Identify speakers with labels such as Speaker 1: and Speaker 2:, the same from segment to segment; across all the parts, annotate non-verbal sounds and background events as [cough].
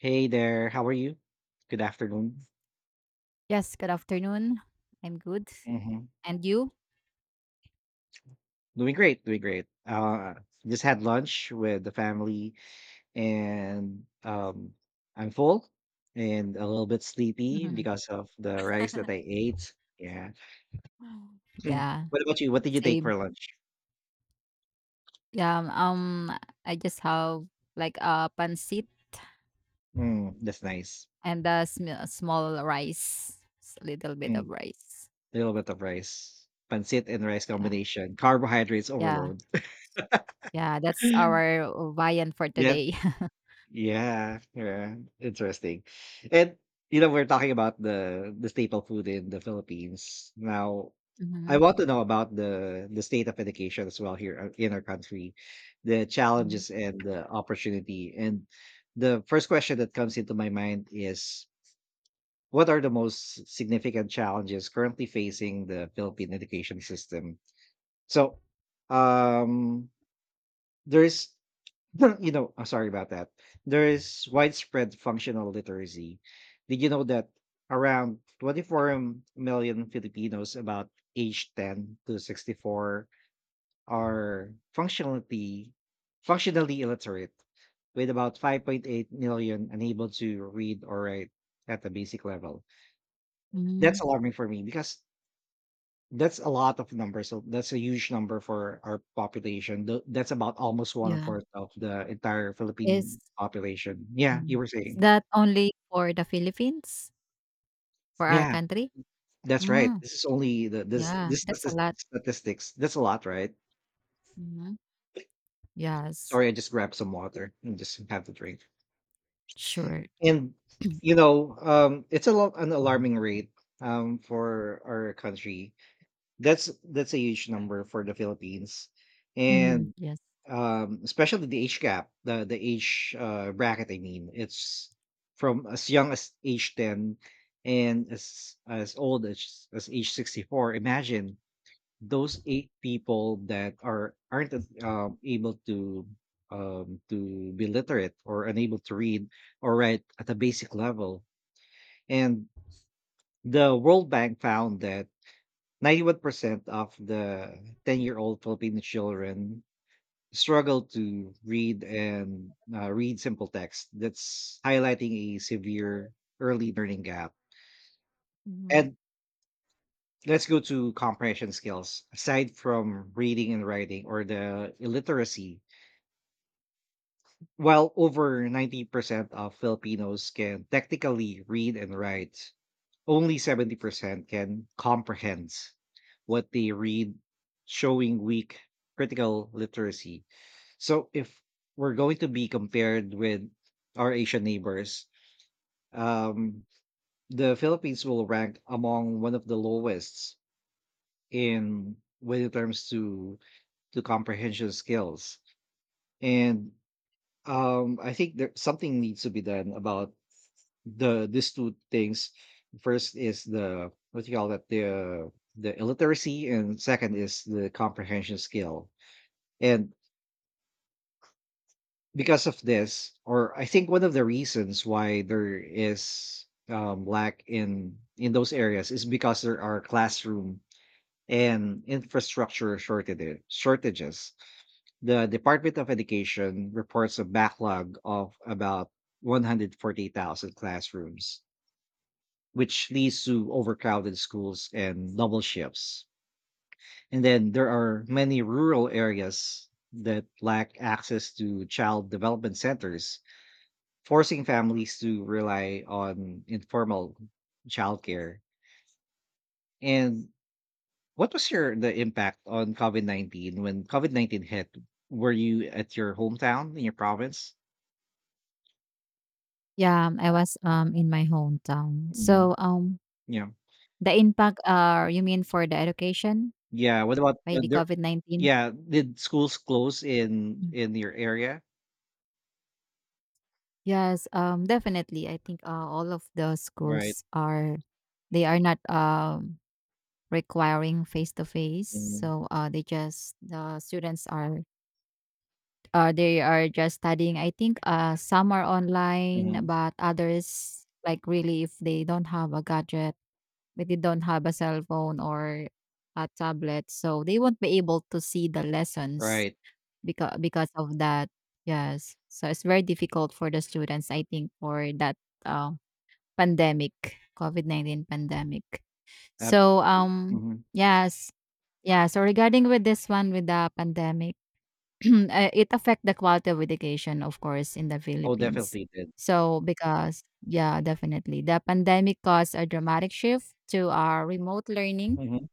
Speaker 1: Hey there, how are you? Good afternoon.
Speaker 2: Yes, good afternoon. I'm good.
Speaker 1: Hmm.
Speaker 2: And you?
Speaker 1: Doing great, doing great. Just had lunch with the family, and I'm full and a little bit sleepy
Speaker 2: [laughs]
Speaker 1: because of the rice that I ate. Yeah. Mm.
Speaker 2: Yeah,
Speaker 1: [clears throat] What about you? What did you take
Speaker 2: same.
Speaker 1: for lunch?
Speaker 2: Yeah, um, um, I just have like a pancit
Speaker 1: Mm, that's nice.
Speaker 2: and a small rice, little bit of
Speaker 1: Mm,
Speaker 2: rice.
Speaker 1: a little bit of rice, pancit and rice
Speaker 2: Yeah,
Speaker 1: combination, carbohydrates
Speaker 2: yeah,
Speaker 1: overload. [laughs]
Speaker 2: yeah. That's our viand for
Speaker 1: Yeah,
Speaker 2: today.
Speaker 1: yeah, yeah, interesting. And we're talking about the staple food in the Philippines. Now,
Speaker 2: [laughs]
Speaker 1: I
Speaker 2: hmm
Speaker 1: want to know about the state of education as well here in our country, the
Speaker 2: hmm
Speaker 1: challenges and the opportunity. And the first question that comes into my mind is, what are the most significant challenges currently facing the Philippine education system? So, um, there's [clears throat] [laughs] I'm sorry about that. There is widespread functional literacy. Did you know that around 24 million Filipinos about age 10 to 64 are functionally illiterate, with about 5.8 million unable to read or write at the basic level? That's
Speaker 2: hmm
Speaker 1: alarming for me because that's a lot of numbers. So that's a huge number for our population. That's about almost one
Speaker 2: Yeah,
Speaker 1: fourth of the entire Philippine
Speaker 2: is
Speaker 1: population. Yeah,
Speaker 2: mm.
Speaker 1: you were
Speaker 2: is
Speaker 1: saying.
Speaker 2: that only for the Philippines for our
Speaker 1: Yeah,
Speaker 2: country?
Speaker 1: that's right.
Speaker 2: Mm,
Speaker 1: This is only the this
Speaker 2: yeah,
Speaker 1: this
Speaker 2: that's a
Speaker 1: statis-
Speaker 2: lot.
Speaker 1: statistics. That's a lot, right?
Speaker 2: Hmm Yes,
Speaker 1: Sorry, I just grabbed some water and just have to drink.
Speaker 2: sure.
Speaker 1: And it's a lot an alarming rate for our country. That's a huge number for the Philippines.
Speaker 2: Mhm.
Speaker 1: And
Speaker 2: Yes.
Speaker 1: Especially the age gap, the age, bracket, I mean. It's from as young as age 10 and as old as age 64. Imagine those eight people that aren't able to be literate or unable to read or write at a basic level. And the World Bank found that 91% of the 10-year-old Filipino children struggle to read simple text, that's highlighting a severe early learning gap.
Speaker 2: Mhm.
Speaker 1: And let's go to comprehension skills aside from reading and writing or the illiteracy, while over 90% of Filipinos can technically read and write, only 70% can comprehend what they read, showing weak critical literacy. So if we're going to be compared with our Asian neighbors, um, the Philippines will rank among one of the lowest in when it comes to comprehension skills. And I think there something needs to be done about these two things. First is the, what do you call that, the illiteracy, and second is the comprehension skill. And because of this, or I think one of the reasons why there is lack in those areas is because there are classroom and infrastructure shortages. The Department of Education reports a backlog of about 140,000 classrooms, which leads to overcrowded schools and double shifts. And then there are many rural areas that lack access to child development centers, forcing families to rely on informal childcare. And what was your the impact on COVID 19 when COVID 19 hit? Were you at your hometown in your province?
Speaker 2: Yeah, I was, in my hometown.
Speaker 1: Mm. Yeah,
Speaker 2: The impact, you mean for the education
Speaker 1: yeah. What about
Speaker 2: by the
Speaker 1: there?
Speaker 2: COVID-19?
Speaker 1: Yeah, did schools close in
Speaker 2: Mm.
Speaker 1: in your area?
Speaker 2: Yes, definitely. I think, all of the
Speaker 1: Right.
Speaker 2: schools are they are not, requiring face-to-face.
Speaker 1: Mm-hmm.
Speaker 2: So, they just the students are they are just studying. I think some are online, but others, like really, if they don't have a gadget, if they don't have a cell phone or a tablet, so they won't be able to see the lessons
Speaker 1: Right.
Speaker 2: because of that. Yes, so it's very difficult for the students. I think for that uh, pandemic, COVID 19 pandemic. So
Speaker 1: Absolutely.
Speaker 2: um,
Speaker 1: Hmm.
Speaker 2: yes, yeah. So regarding with this one with the pandemic, [clears throat] it affect the quality of education, of course, in the
Speaker 1: Oh,
Speaker 2: Philippines.
Speaker 1: definitely did.
Speaker 2: So because yeah, definitely. The pandemic caused a dramatic shift to our remote learning
Speaker 1: Hmm.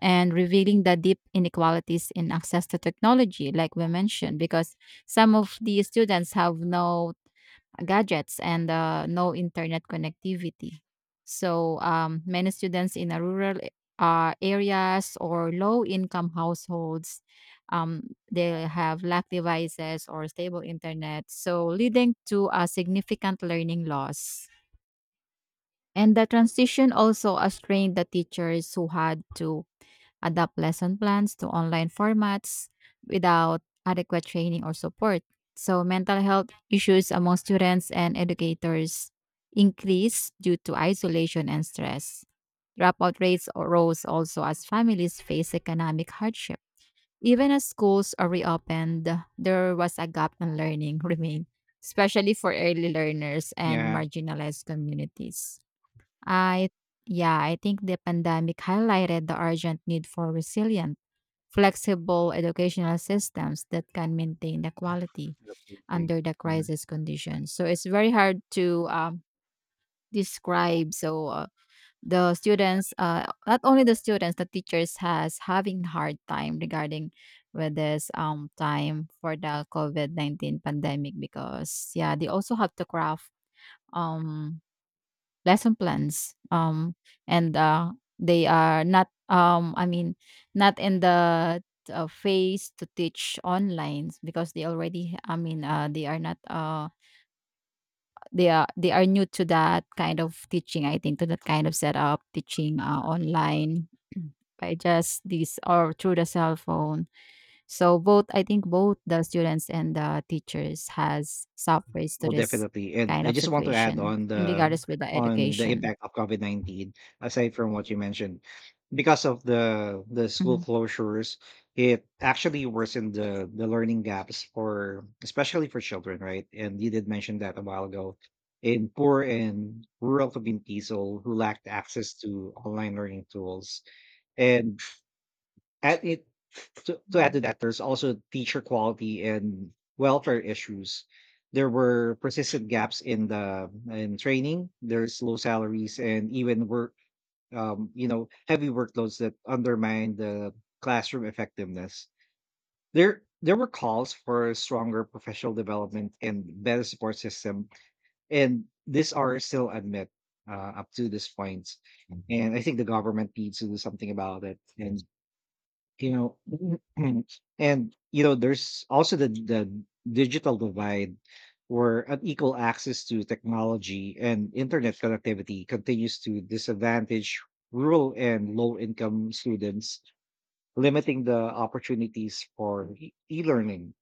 Speaker 2: and revealing the deep inequalities in access to technology, like we mentioned, because some of the students have no gadgets and no internet connectivity. Many students in a rural areas or low income households, um, they have lack devices or stable internet, so leading to a significant learning loss. And the transition also strained the teachers who had to adapt lesson plans to online formats without adequate training or support. So, mental health issues among students and educators increase due to isolation and stress. Rose also as families face economic hardship. Even as schools are reopened, there was a gap in learning [laughs] remained, especially for early learners and
Speaker 1: Yeah.
Speaker 2: marginalized communities. I yeah, I think the pandemic highlighted the urgent need for resilient flexible educational systems that can maintain the quality
Speaker 1: Absolutely.
Speaker 2: under the crisis conditions. So it's very hard to describe. So the students, not only the students, the teachers has having hard time regarding with this time for the COVID 19 pandemic because yeah, they also have to craft um lesson plans and they are not I mean not in the phase to teach online because they already I mean they are not they are they are new to that kind of teaching, I think, to that kind of setup teaching, online. [clears throat] By just this or through the cell phone, so both, I think, both the students and the teachers has suffers to
Speaker 1: Oh,
Speaker 2: this
Speaker 1: definitely. And
Speaker 2: kind
Speaker 1: I
Speaker 2: of
Speaker 1: just want to add
Speaker 2: situation
Speaker 1: on
Speaker 2: in
Speaker 1: the
Speaker 2: regards with the
Speaker 1: on the
Speaker 2: education.
Speaker 1: impact of COVID-19, aside from what you mentioned, because of the school
Speaker 2: Mm-hmm.
Speaker 1: closures, it actually worsened the learning gaps for especially for children, right? And you did mention that a while ago, in poor and rural communities who lacked access to online learning tools. And and it to add to
Speaker 2: Mhm.
Speaker 1: that, there's also teacher quality and welfare issues. There were persistent gaps in the in training. There's low salaries and even work, heavy workloads that undermine the classroom effectiveness. There were calls for stronger professional development and better support system, and these are still unmet uh, up to this point. And I think the government needs to do something about it, and you know [clears throat] and there's also the digital divide, where unequal access to technology and internet connectivity continues to disadvantage rural and low income students, limiting the opportunities for e-learning.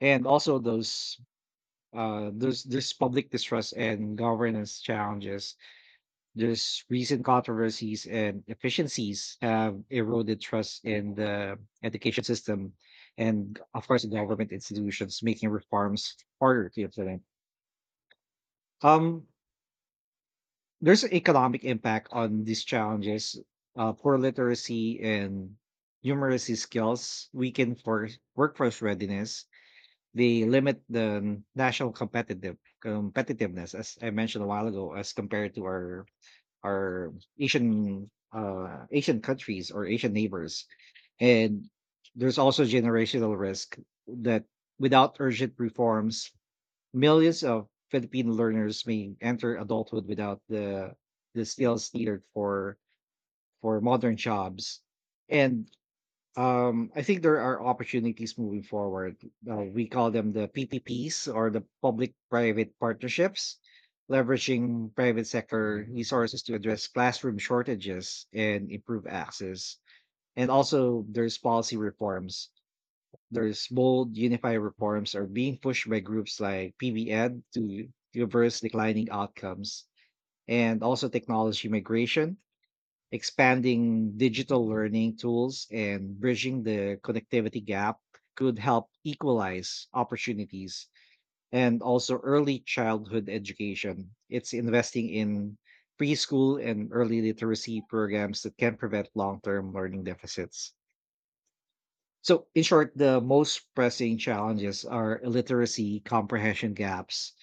Speaker 1: And also those this public distrust and governance challenges. There's recent controversies and efficiencies have eroded trust in the education system and, of course, government institutions, making reforms harder to implement. um there's an economic impact on these challenges. Poor literacy and numeracy skills weaken for workforce readiness. They limit the national competitiveness, as I mentioned a while ago, as compared to our Asian, Asian countries or Asian neighbors. And there's also generational risk, that without urgent reforms, millions of Filipino learners may enter adulthood without the skills needed for modern jobs. And I think there are opportunities moving forward. We call them the PPPs, or the public-private partnerships, leveraging private sector resources to address classroom shortages and improve access. And also, there's policy reforms. There's bold, unified reforms are being pushed by groups like PBN to reverse declining outcomes. And also technology migration, expanding digital learning tools and bridging the connectivity gap, could help equalize opportunities. And also early childhood education. It's investing in preschool and early literacy programs that can prevent long term learning deficits. So, in short, the most pressing challenges are illiteracy, comprehension gaps,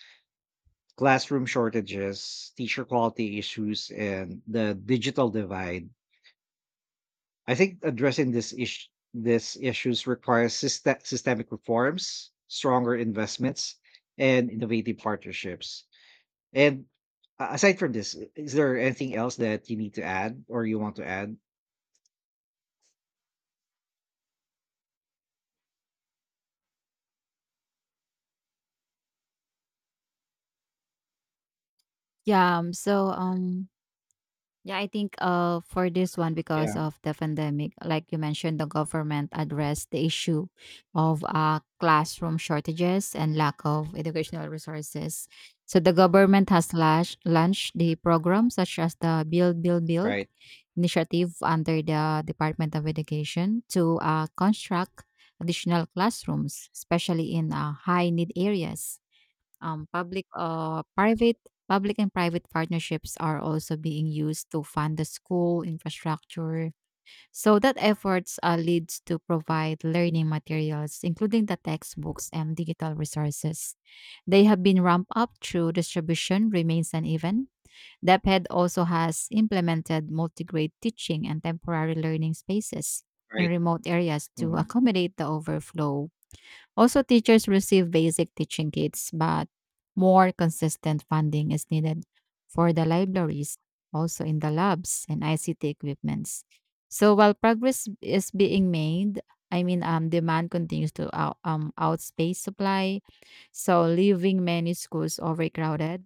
Speaker 1: classroom shortages, teacher quality issues, and the digital divide. I think addressing this issues requires systemic reforms, stronger investments, and innovative partnerships. And aside from this, is there anything else that you need to add or you want to add?
Speaker 2: Yeah, um, so um yeah, I think for this one,
Speaker 1: Yeah,
Speaker 2: because of the pandemic, like you mentioned, the government addressed the issue of classroom shortages and lack of educational resources. So the government has launched the program such as the Build Build Build
Speaker 1: right,
Speaker 2: initiative under the Department of Education to construct additional classrooms, especially in high need areas. Um, public, uh, private, public and private partnerships are also being used to fund the school infrastructure. So that efforts leads to provide learning materials, including the textbooks and digital resources. They have been ramped up through distribution remains uneven. DepEd also has implemented multi-grade teaching and temporary learning spaces in
Speaker 1: right.
Speaker 2: remote areas to
Speaker 1: Mhm.
Speaker 2: accommodate the overflow. Also, teachers receive basic teaching kits, but more consistent funding is needed for the libraries, also in the labs and ICT equipments. So while progress is being made, I mean, demand continues to outpace supply, so leaving many schools overcrowded.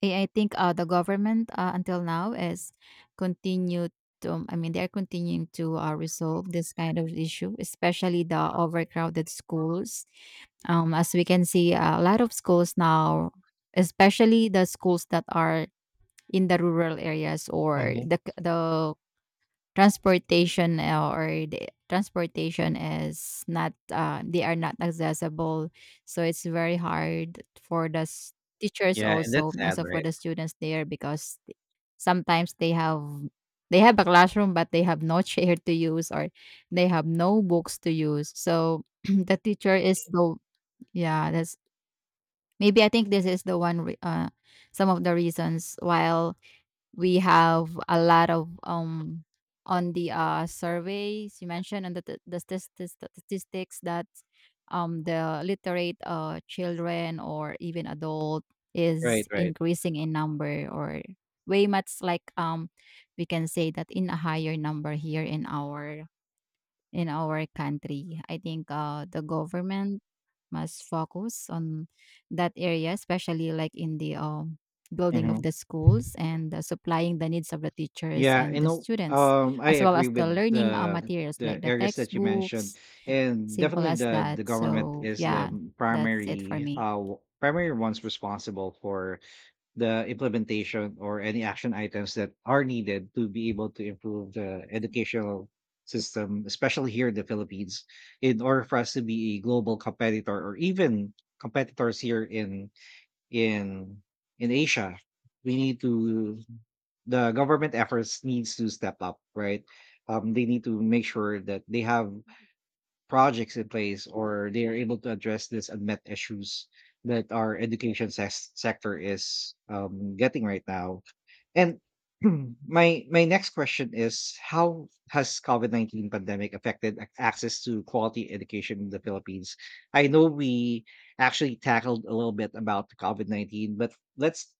Speaker 2: Yeah, I think the government, until now is continued to, I mean, they're continuing to resolve this kind of issue, especially the overcrowded schools. As we can see, a lot of schools now, especially the schools that are in the rural areas or
Speaker 1: Hmm.
Speaker 2: the, c- the transportation is not they are not accessible, so it's very hard for teachers,
Speaker 1: Yeah, and that's sad,
Speaker 2: also for
Speaker 1: right?
Speaker 2: the students there, because sometimes they have a classroom but they have no [laughs] chair to use, or they have no books to use. So [clears throat] the teacher is the yeah that's maybe I think this is the some of the reasons while we have a lot of on the surveys you mentioned and the statistics that the literate children or even adult
Speaker 1: Right,
Speaker 2: is
Speaker 1: right.
Speaker 2: increasing in number, or way much like, we can say that in a higher number here in our country. I think the government must focus on that area, especially like in the building of
Speaker 1: Mhm.
Speaker 2: the schools and supplying the needs of the teachers
Speaker 1: Yeah,
Speaker 2: and the students, as
Speaker 1: I
Speaker 2: well
Speaker 1: agree
Speaker 2: as the
Speaker 1: with
Speaker 2: learning
Speaker 1: the
Speaker 2: materials like
Speaker 1: the
Speaker 2: the
Speaker 1: areas that you mentioned,
Speaker 2: textbooks.
Speaker 1: and
Speaker 2: Simple
Speaker 1: definitely
Speaker 2: as
Speaker 1: the
Speaker 2: that.
Speaker 1: the government
Speaker 2: So,
Speaker 1: is the
Speaker 2: yeah, that's it for me.
Speaker 1: primary ones responsible for the implementation or any action items that are needed to be able to improve the educational system, especially here in the Philippines, in order for us to be a global competitor, or even competitors here in in Asia. We need to the government efforts needs to step up, right? They need to make sure that they have projects in place, or they are able to address these unmet issues that our education sector is getting right now. And [clears throat] my next question is, how has COVID-19 pandemic affected access to quality education in the Philippines? I know we actually tackled a little bit about COVID-19, but let's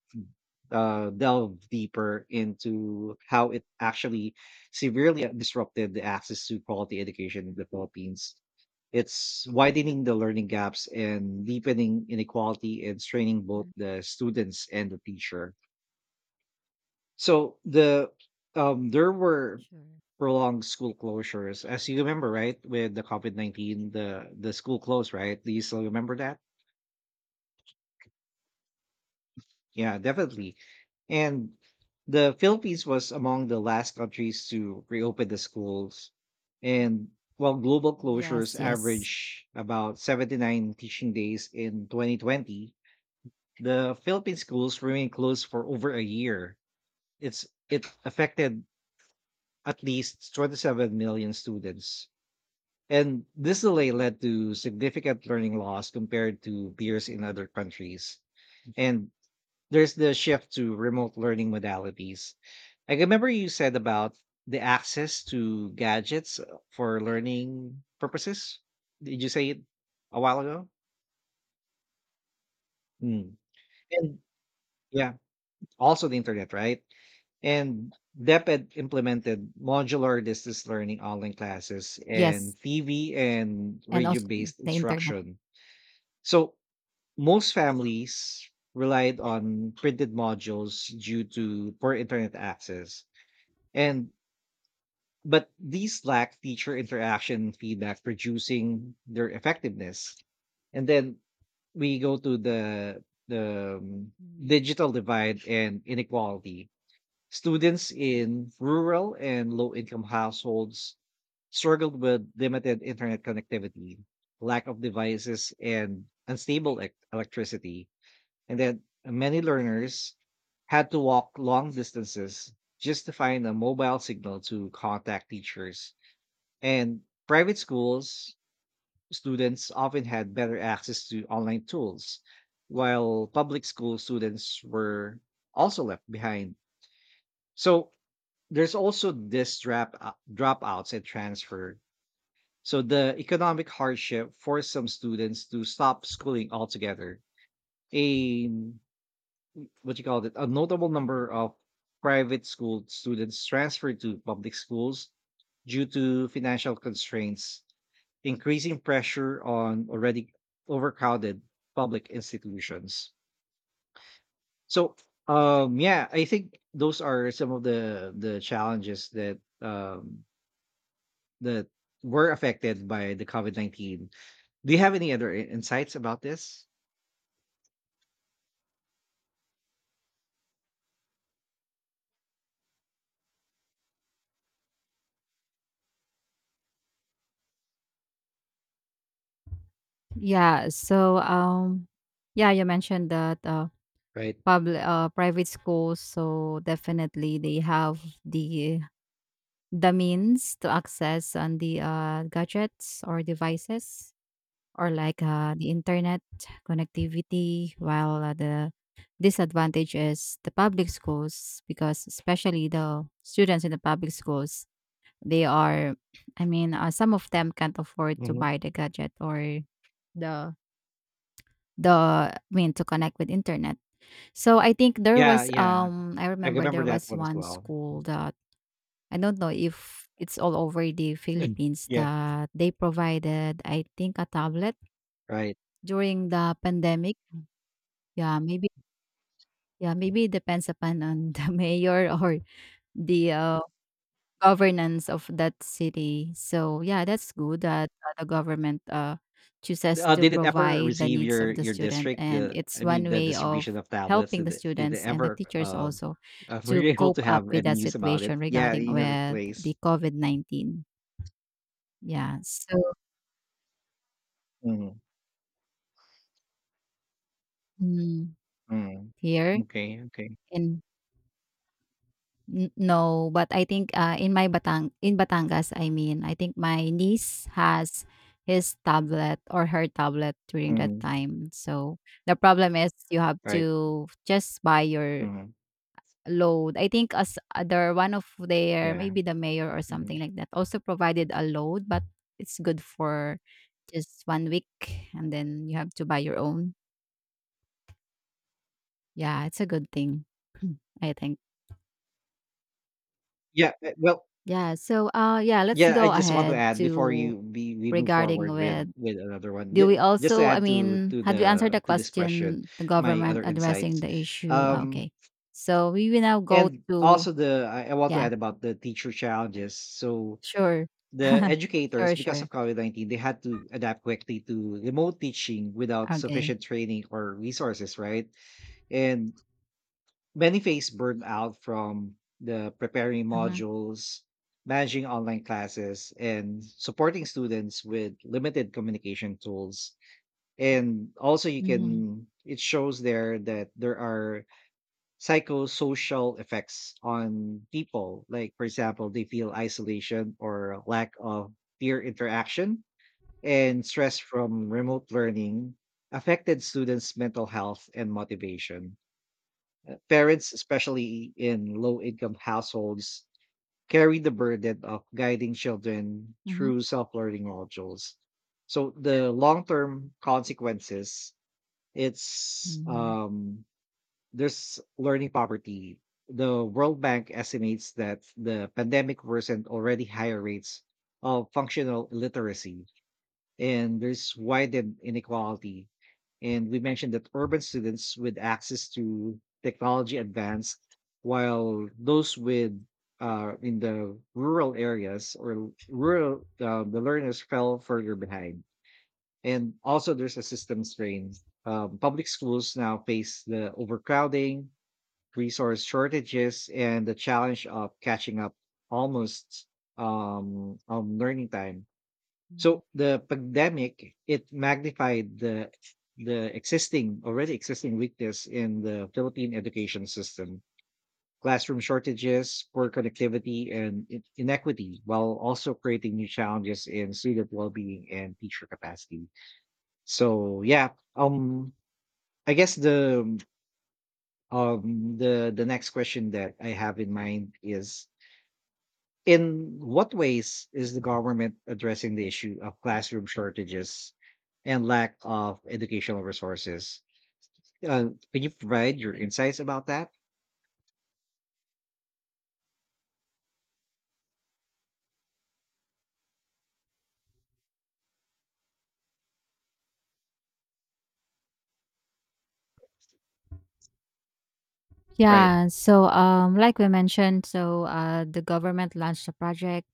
Speaker 1: delve deeper into how it actually severely disrupted the access to quality education in the Philippines. It's widening the learning gaps and deepening inequality and straining both
Speaker 2: Mm,
Speaker 1: the students and the teacher. So there were
Speaker 2: sure.
Speaker 1: prolonged school closures, as you remember, right? With the COVID 19, the school closed, right? Do you still remember that? Yeah, definitely. And the Philippines was among the last countries to reopen the schools. And while global closures
Speaker 2: Yes, yes,
Speaker 1: average about 79 teaching days in 2020, the Philippine schools remained closed for over a year. It affected at least 27 million students. And this delay led to significant learning loss compared to peers in other countries. And there's the shift to remote learning modalities. Like, I remember you said about the access to gadgets, for learning purposes. Did you say it a while ago? Hmm. And yeah, also the internet, right? And DepEd implemented modular distance learning, online classes, and
Speaker 2: yes.
Speaker 1: TV and
Speaker 2: And
Speaker 1: radio
Speaker 2: also
Speaker 1: based
Speaker 2: the internet.
Speaker 1: instruction. So most families relied on printed modules due to poor internet access. And but these lack teacher interaction feedback, producing their effectiveness. And then we go to the the um,
Speaker 2: Mhm.
Speaker 1: digital divide and inequality. Students in rural and low income households struggled with limited internet connectivity, lack of devices, and unstable electricity, and then many learners had to walk long distances just to find a mobile signal to contact teachers. And private schools, students often had better access to online tools, while public school students were also left behind. So there's also this dropouts and transfer. So the economic hardship forced some students to stop schooling altogether. A, what you call it, a notable number of private school students transferred to public schools due to financial constraints, increasing pressure on already overcrowded public institutions. So, yeah, I think those are some of the challenges that were affected by the COVID 19. Do you have any other insights about this?
Speaker 2: Yeah. So, yeah, you mentioned that
Speaker 1: Right.
Speaker 2: public, private schools. So definitely they have the the means to access on the gadgets or devices, or like the internet connectivity, while the disadvantage is the public schools because, especially the students in the public schools, they are [clears throat] some of them can't afford to
Speaker 1: Hmm.
Speaker 2: buy the gadget or the the, I mean, to connect with internet. So I think there
Speaker 1: Yeah,
Speaker 2: was
Speaker 1: yeah.
Speaker 2: I
Speaker 1: I
Speaker 2: remember
Speaker 1: remember
Speaker 2: there
Speaker 1: that
Speaker 2: was
Speaker 1: one as
Speaker 2: one
Speaker 1: well.
Speaker 2: school. The I don't know if it's all over the
Speaker 1: Mm.
Speaker 2: Philippines
Speaker 1: Yeah,
Speaker 2: that they provided, I think, a tablet
Speaker 1: right.
Speaker 2: during the pandemic. Yeah, maybe yeah, maybe it depends upon on the [laughs] mayor or the governance of that city. So yeah, that's good that the government, chooses
Speaker 1: Uh,
Speaker 2: to
Speaker 1: did it ever
Speaker 2: provide the
Speaker 1: receive
Speaker 2: needs
Speaker 1: your
Speaker 2: of the
Speaker 1: your
Speaker 2: student,
Speaker 1: district?
Speaker 2: and
Speaker 1: The,
Speaker 2: it's
Speaker 1: I
Speaker 2: one
Speaker 1: mean, the
Speaker 2: way
Speaker 1: distribution
Speaker 2: of
Speaker 1: of tablets.
Speaker 2: helping the
Speaker 1: Did it
Speaker 2: students and the
Speaker 1: ever?
Speaker 2: teachers also
Speaker 1: [laughs] Were
Speaker 2: to
Speaker 1: you able to
Speaker 2: cope up
Speaker 1: have
Speaker 2: with
Speaker 1: any
Speaker 2: that
Speaker 1: news about it?
Speaker 2: situation
Speaker 1: Yeah,
Speaker 2: regarding
Speaker 1: in your
Speaker 2: with
Speaker 1: place.
Speaker 2: the COVID 19. Yeah. So
Speaker 1: Mm-hmm.
Speaker 2: mm,
Speaker 1: Mm-hmm.
Speaker 2: here
Speaker 1: Okay. Okay.
Speaker 2: in n no, but I think, in my Batangas, I mean, I think my niece has his tablet or her tablet during that
Speaker 1: Hmm.
Speaker 2: time. So, the problem is you have
Speaker 1: Right.
Speaker 2: to just buy your
Speaker 1: Hmm.
Speaker 2: load. I think as other one of their,
Speaker 1: Yeah.
Speaker 2: maybe the mayor or
Speaker 1: hmm
Speaker 2: something like that, also provided a load, but it's good for just 1 week, and then you have to buy your own. Yeah, it's a good thing, [clears throat] I think.
Speaker 1: Yeah,
Speaker 2: Yeah. So, yeah, let's
Speaker 1: yeah, I
Speaker 2: go
Speaker 1: just want to
Speaker 2: ahead
Speaker 1: add before you
Speaker 2: to
Speaker 1: we move
Speaker 2: regarding
Speaker 1: forward with
Speaker 2: with,
Speaker 1: another one.
Speaker 2: do we
Speaker 1: Just to
Speaker 2: also, I
Speaker 1: add
Speaker 2: mean, had we answered the
Speaker 1: to this question,
Speaker 2: question, the
Speaker 1: my
Speaker 2: government
Speaker 1: other
Speaker 2: addressing
Speaker 1: insights.
Speaker 2: the issue? Ah,
Speaker 1: Um
Speaker 2: okay. So we will now go
Speaker 1: and
Speaker 2: to,
Speaker 1: also the I want to
Speaker 2: yeah,
Speaker 1: add about the teacher challenges. So
Speaker 2: sure.
Speaker 1: the
Speaker 2: [laughs]
Speaker 1: educators,
Speaker 2: Sure,
Speaker 1: because
Speaker 2: sure.
Speaker 1: of COVID-19, they had to adapt quickly to remote teaching without
Speaker 2: Okay.
Speaker 1: sufficient training or resources, right? And many face burnout from the preparing
Speaker 2: Mm-hmm.
Speaker 1: modules, managing online classes, and supporting students with limited communication tools. And also, you
Speaker 2: Mm-hmm.
Speaker 1: can, it shows there that there are psychosocial effects on people. Like, for example, they feel isolation or lack of peer interaction, and stress from remote learning affected students' mental health and motivation. Parents, especially in low income households, carry the burden of guiding children
Speaker 2: Mm-hmm.
Speaker 1: through self learning modules. So the long term consequences, it's
Speaker 2: Mm-hmm.
Speaker 1: there's learning poverty. The World Bank estimates that the pandemic worsened already higher rates of functional illiteracy, and there's widened inequality, and we mentioned that urban students with access to technology advanced, while those with in the rural areas, or the learners fell further behind. And also, there's a system strain. Public schools now face the overcrowding, resource shortages, and the challenge of catching up almost on learning time.
Speaker 2: Mm-hmm.
Speaker 1: So the pandemic, it magnified the existing already existing weakness in the Philippine education system: classroom shortages, poor connectivity, and inequity, while also creating new challenges in student well-being and teacher capacity. So yeah, um, I guess the next question that I have in mind is, in what ways is the government addressing the issue of classroom shortages and lack of educational resources? Can you provide your insights about that? Right,
Speaker 2: Like we mentioned, so the government launched a project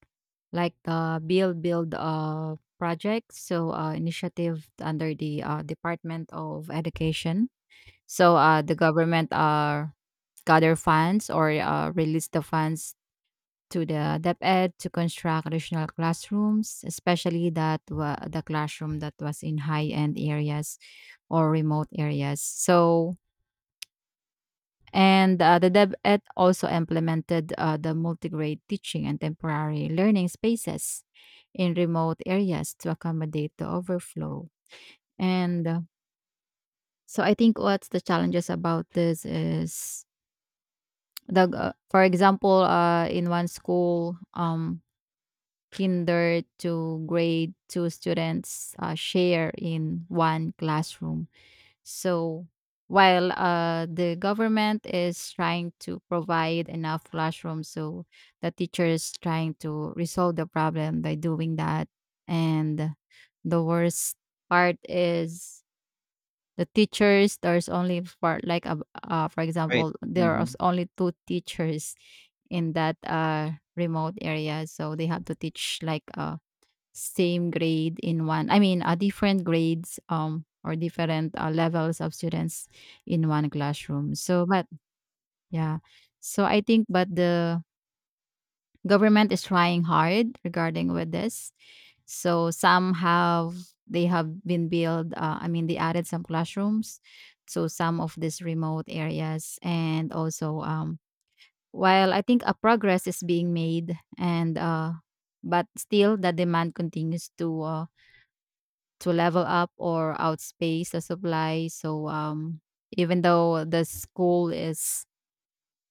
Speaker 2: like the Build Build project, so initiative under the Department of Education. So the government, gather funds or release the funds to the DepEd to construct additional classrooms, especially that the classroom that was in high end areas or remote areas. So, and the DepEd also implemented the multi-grade teaching and temporary learning spaces in remote areas to accommodate the overflow. And so I think what's the challenges about this is the for example, in one school, kinder to grade two students share in one classroom. So, while the government is trying to provide enough classrooms, so the teachers trying to resolve the problem by doing that. And the worst part is the teachers. There's only for like a, for
Speaker 1: right.
Speaker 2: example, there are
Speaker 1: hmm
Speaker 2: only two teachers in that remote area, so they have to teach like, same grade in one, different grades or different levels of students in one classroom. So but yeah, so I think but the government is trying hard regarding with this. So some have, they have been built I mean they added some classrooms to some of these remote areas. And also, while I think a progress is being made, and but still the demand continues to level up or outspace the supply. So even though the school is,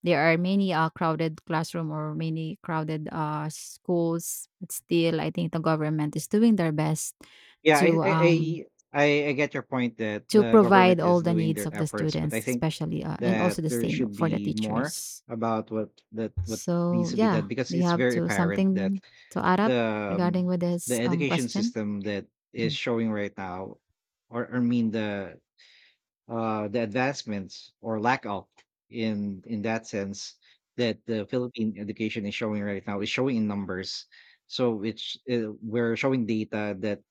Speaker 2: there are many crowded classroom or many crowded schools, but still I think the government is doing their best
Speaker 1: Yeah,
Speaker 2: to um,
Speaker 1: I get your point that
Speaker 2: to
Speaker 1: the
Speaker 2: provide
Speaker 1: government
Speaker 2: all
Speaker 1: is
Speaker 2: the
Speaker 1: doing
Speaker 2: needs
Speaker 1: their
Speaker 2: of the
Speaker 1: efforts, but I
Speaker 2: students,
Speaker 1: think
Speaker 2: especially, and also
Speaker 1: that
Speaker 2: the
Speaker 1: there
Speaker 2: same
Speaker 1: should
Speaker 2: for the
Speaker 1: be more
Speaker 2: teachers.
Speaker 1: about what needs
Speaker 2: So
Speaker 1: to be done,
Speaker 2: yeah,
Speaker 1: because
Speaker 2: do you
Speaker 1: it's
Speaker 2: have
Speaker 1: very
Speaker 2: to
Speaker 1: apparent that
Speaker 2: something to add up
Speaker 1: the
Speaker 2: regarding
Speaker 1: um,
Speaker 2: with
Speaker 1: the
Speaker 2: this
Speaker 1: education
Speaker 2: question?
Speaker 1: system that is showing right now, or I mean the advancements or lack of in that sense, that the Philippine education is showing right now is showing in numbers. So it's we're showing data that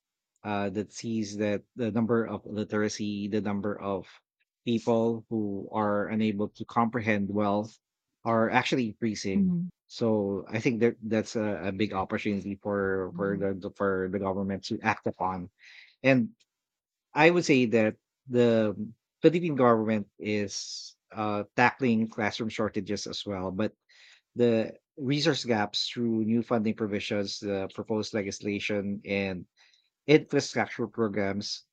Speaker 1: that sees that the number of literacy, the number of people who are unable to comprehend well, are actually increasing.
Speaker 2: Mm-hmm.
Speaker 1: So I think that that's a big opportunity for
Speaker 2: Mm-hmm.
Speaker 1: for the government to act upon. And I would say that the Philippine government is tackling classroom shortages as well, but the resource gaps through new funding provisions, the proposed legislation, and infrastructure programs.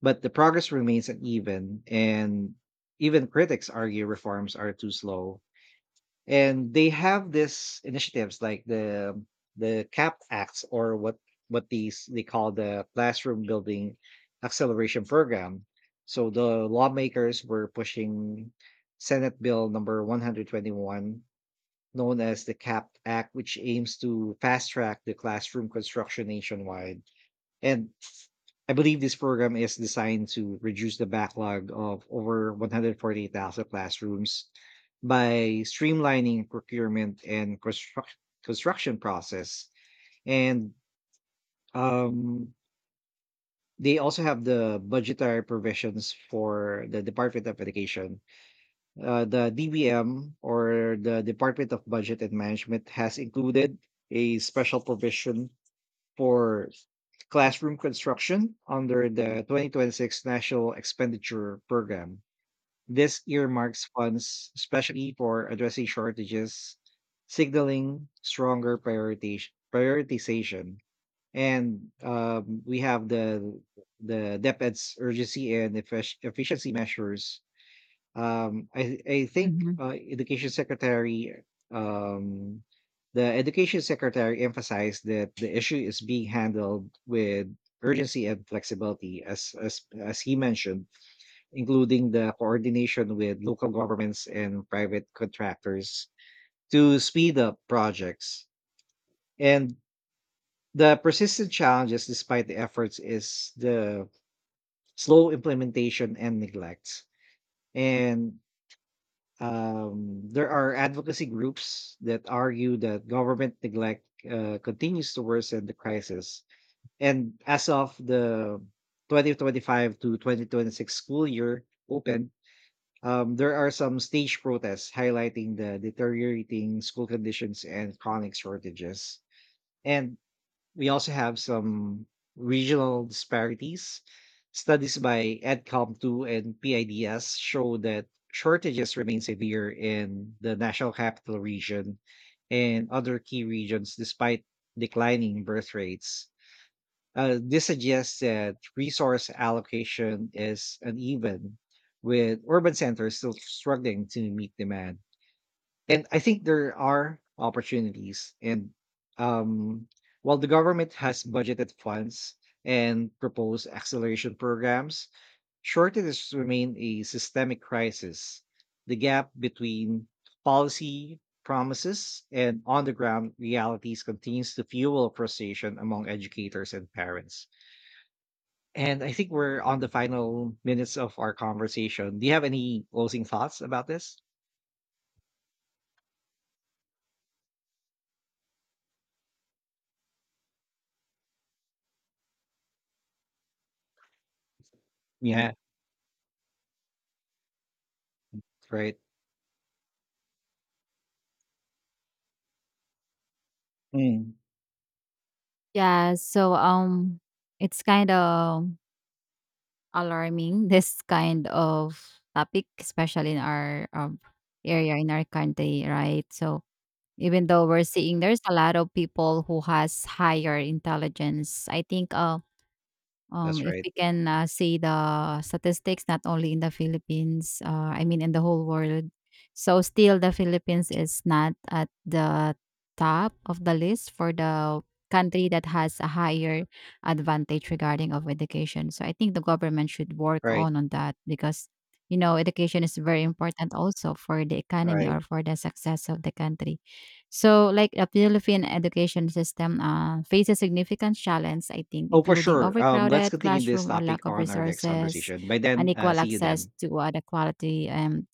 Speaker 1: But the progress remains uneven, and even critics argue reforms are too slow, and they have this initiatives like the cap acts, or what these they call the classroom building acceleration program. So the lawmakers were pushing senate bill number 121, known as the cap act, which aims to fast track the classroom construction nationwide. And I believe this program is designed to reduce the backlog of over 140,000 classrooms by streamlining procurement and construction process. And um, they also have the budgetary provisions for the Department of Education. The DBM, or the Department of Budget and Management, has included a special provision for classroom construction under the 2026 National Expenditure Program. This earmarks funds especially for addressing shortages, signaling stronger prioritization. And we have the DepEd's urgency and efficiency measures. I think
Speaker 2: Mm-hmm.
Speaker 1: Education Secretary um, the Education Secretary emphasized that the issue is being handled with urgency and flexibility, as he mentioned, including the coordination with local governments and private contractors to speed up projects. And the persistent challenges, despite the efforts, is the slow implementation and neglect. And um, there are advocacy groups that argue that government neglect continues to worsen the crisis. And as of the 2025 to 2026 school year open, there are some stage protests highlighting the deteriorating school conditions and chronic shortages. And we also have some regional disparities. Studies by EdCom2 and PIDS show that shortages remain severe in the national capital region and other key regions despite declining birth rates. This suggests that resource allocation is uneven, with urban centers still struggling to meet demand. And I think there are opportunities. And um, while the government has budgeted funds and proposed acceleration programs, shortages remain a systemic crisis. The gap between policy promises and on the ground realities continues to fuel frustration among educators and parents. And I think we're on the final minutes of our conversation. Do you have any closing thoughts about this? Yeah. Right. Mm.
Speaker 2: Yeah, so um it's kind of alarming [laughs] this kind of topic, especially in our area, in our country, right? So even though we're seeing there's a lot of people who has higher intelligence, I think,
Speaker 1: That's
Speaker 2: if
Speaker 1: right.
Speaker 2: we can, see the statistics not only in the Philippines, I mean in the whole world. So still the Philippines is not at the top of the list for the country that has a higher advantage regarding of education. So I think the government should work
Speaker 1: Right,
Speaker 2: on that because, you know, education is very important also for the economy
Speaker 1: right.
Speaker 2: or for the success of the country. So, like the Philippine education system, faces significant challenges, I think,
Speaker 1: Oh, for
Speaker 2: including
Speaker 1: sure. Let's
Speaker 2: overcrowded
Speaker 1: continue this
Speaker 2: classroom or
Speaker 1: topic
Speaker 2: lack of
Speaker 1: on our next
Speaker 2: resources,
Speaker 1: conversation. By then,
Speaker 2: unequal
Speaker 1: see you
Speaker 2: access
Speaker 1: then.
Speaker 2: to the quality um,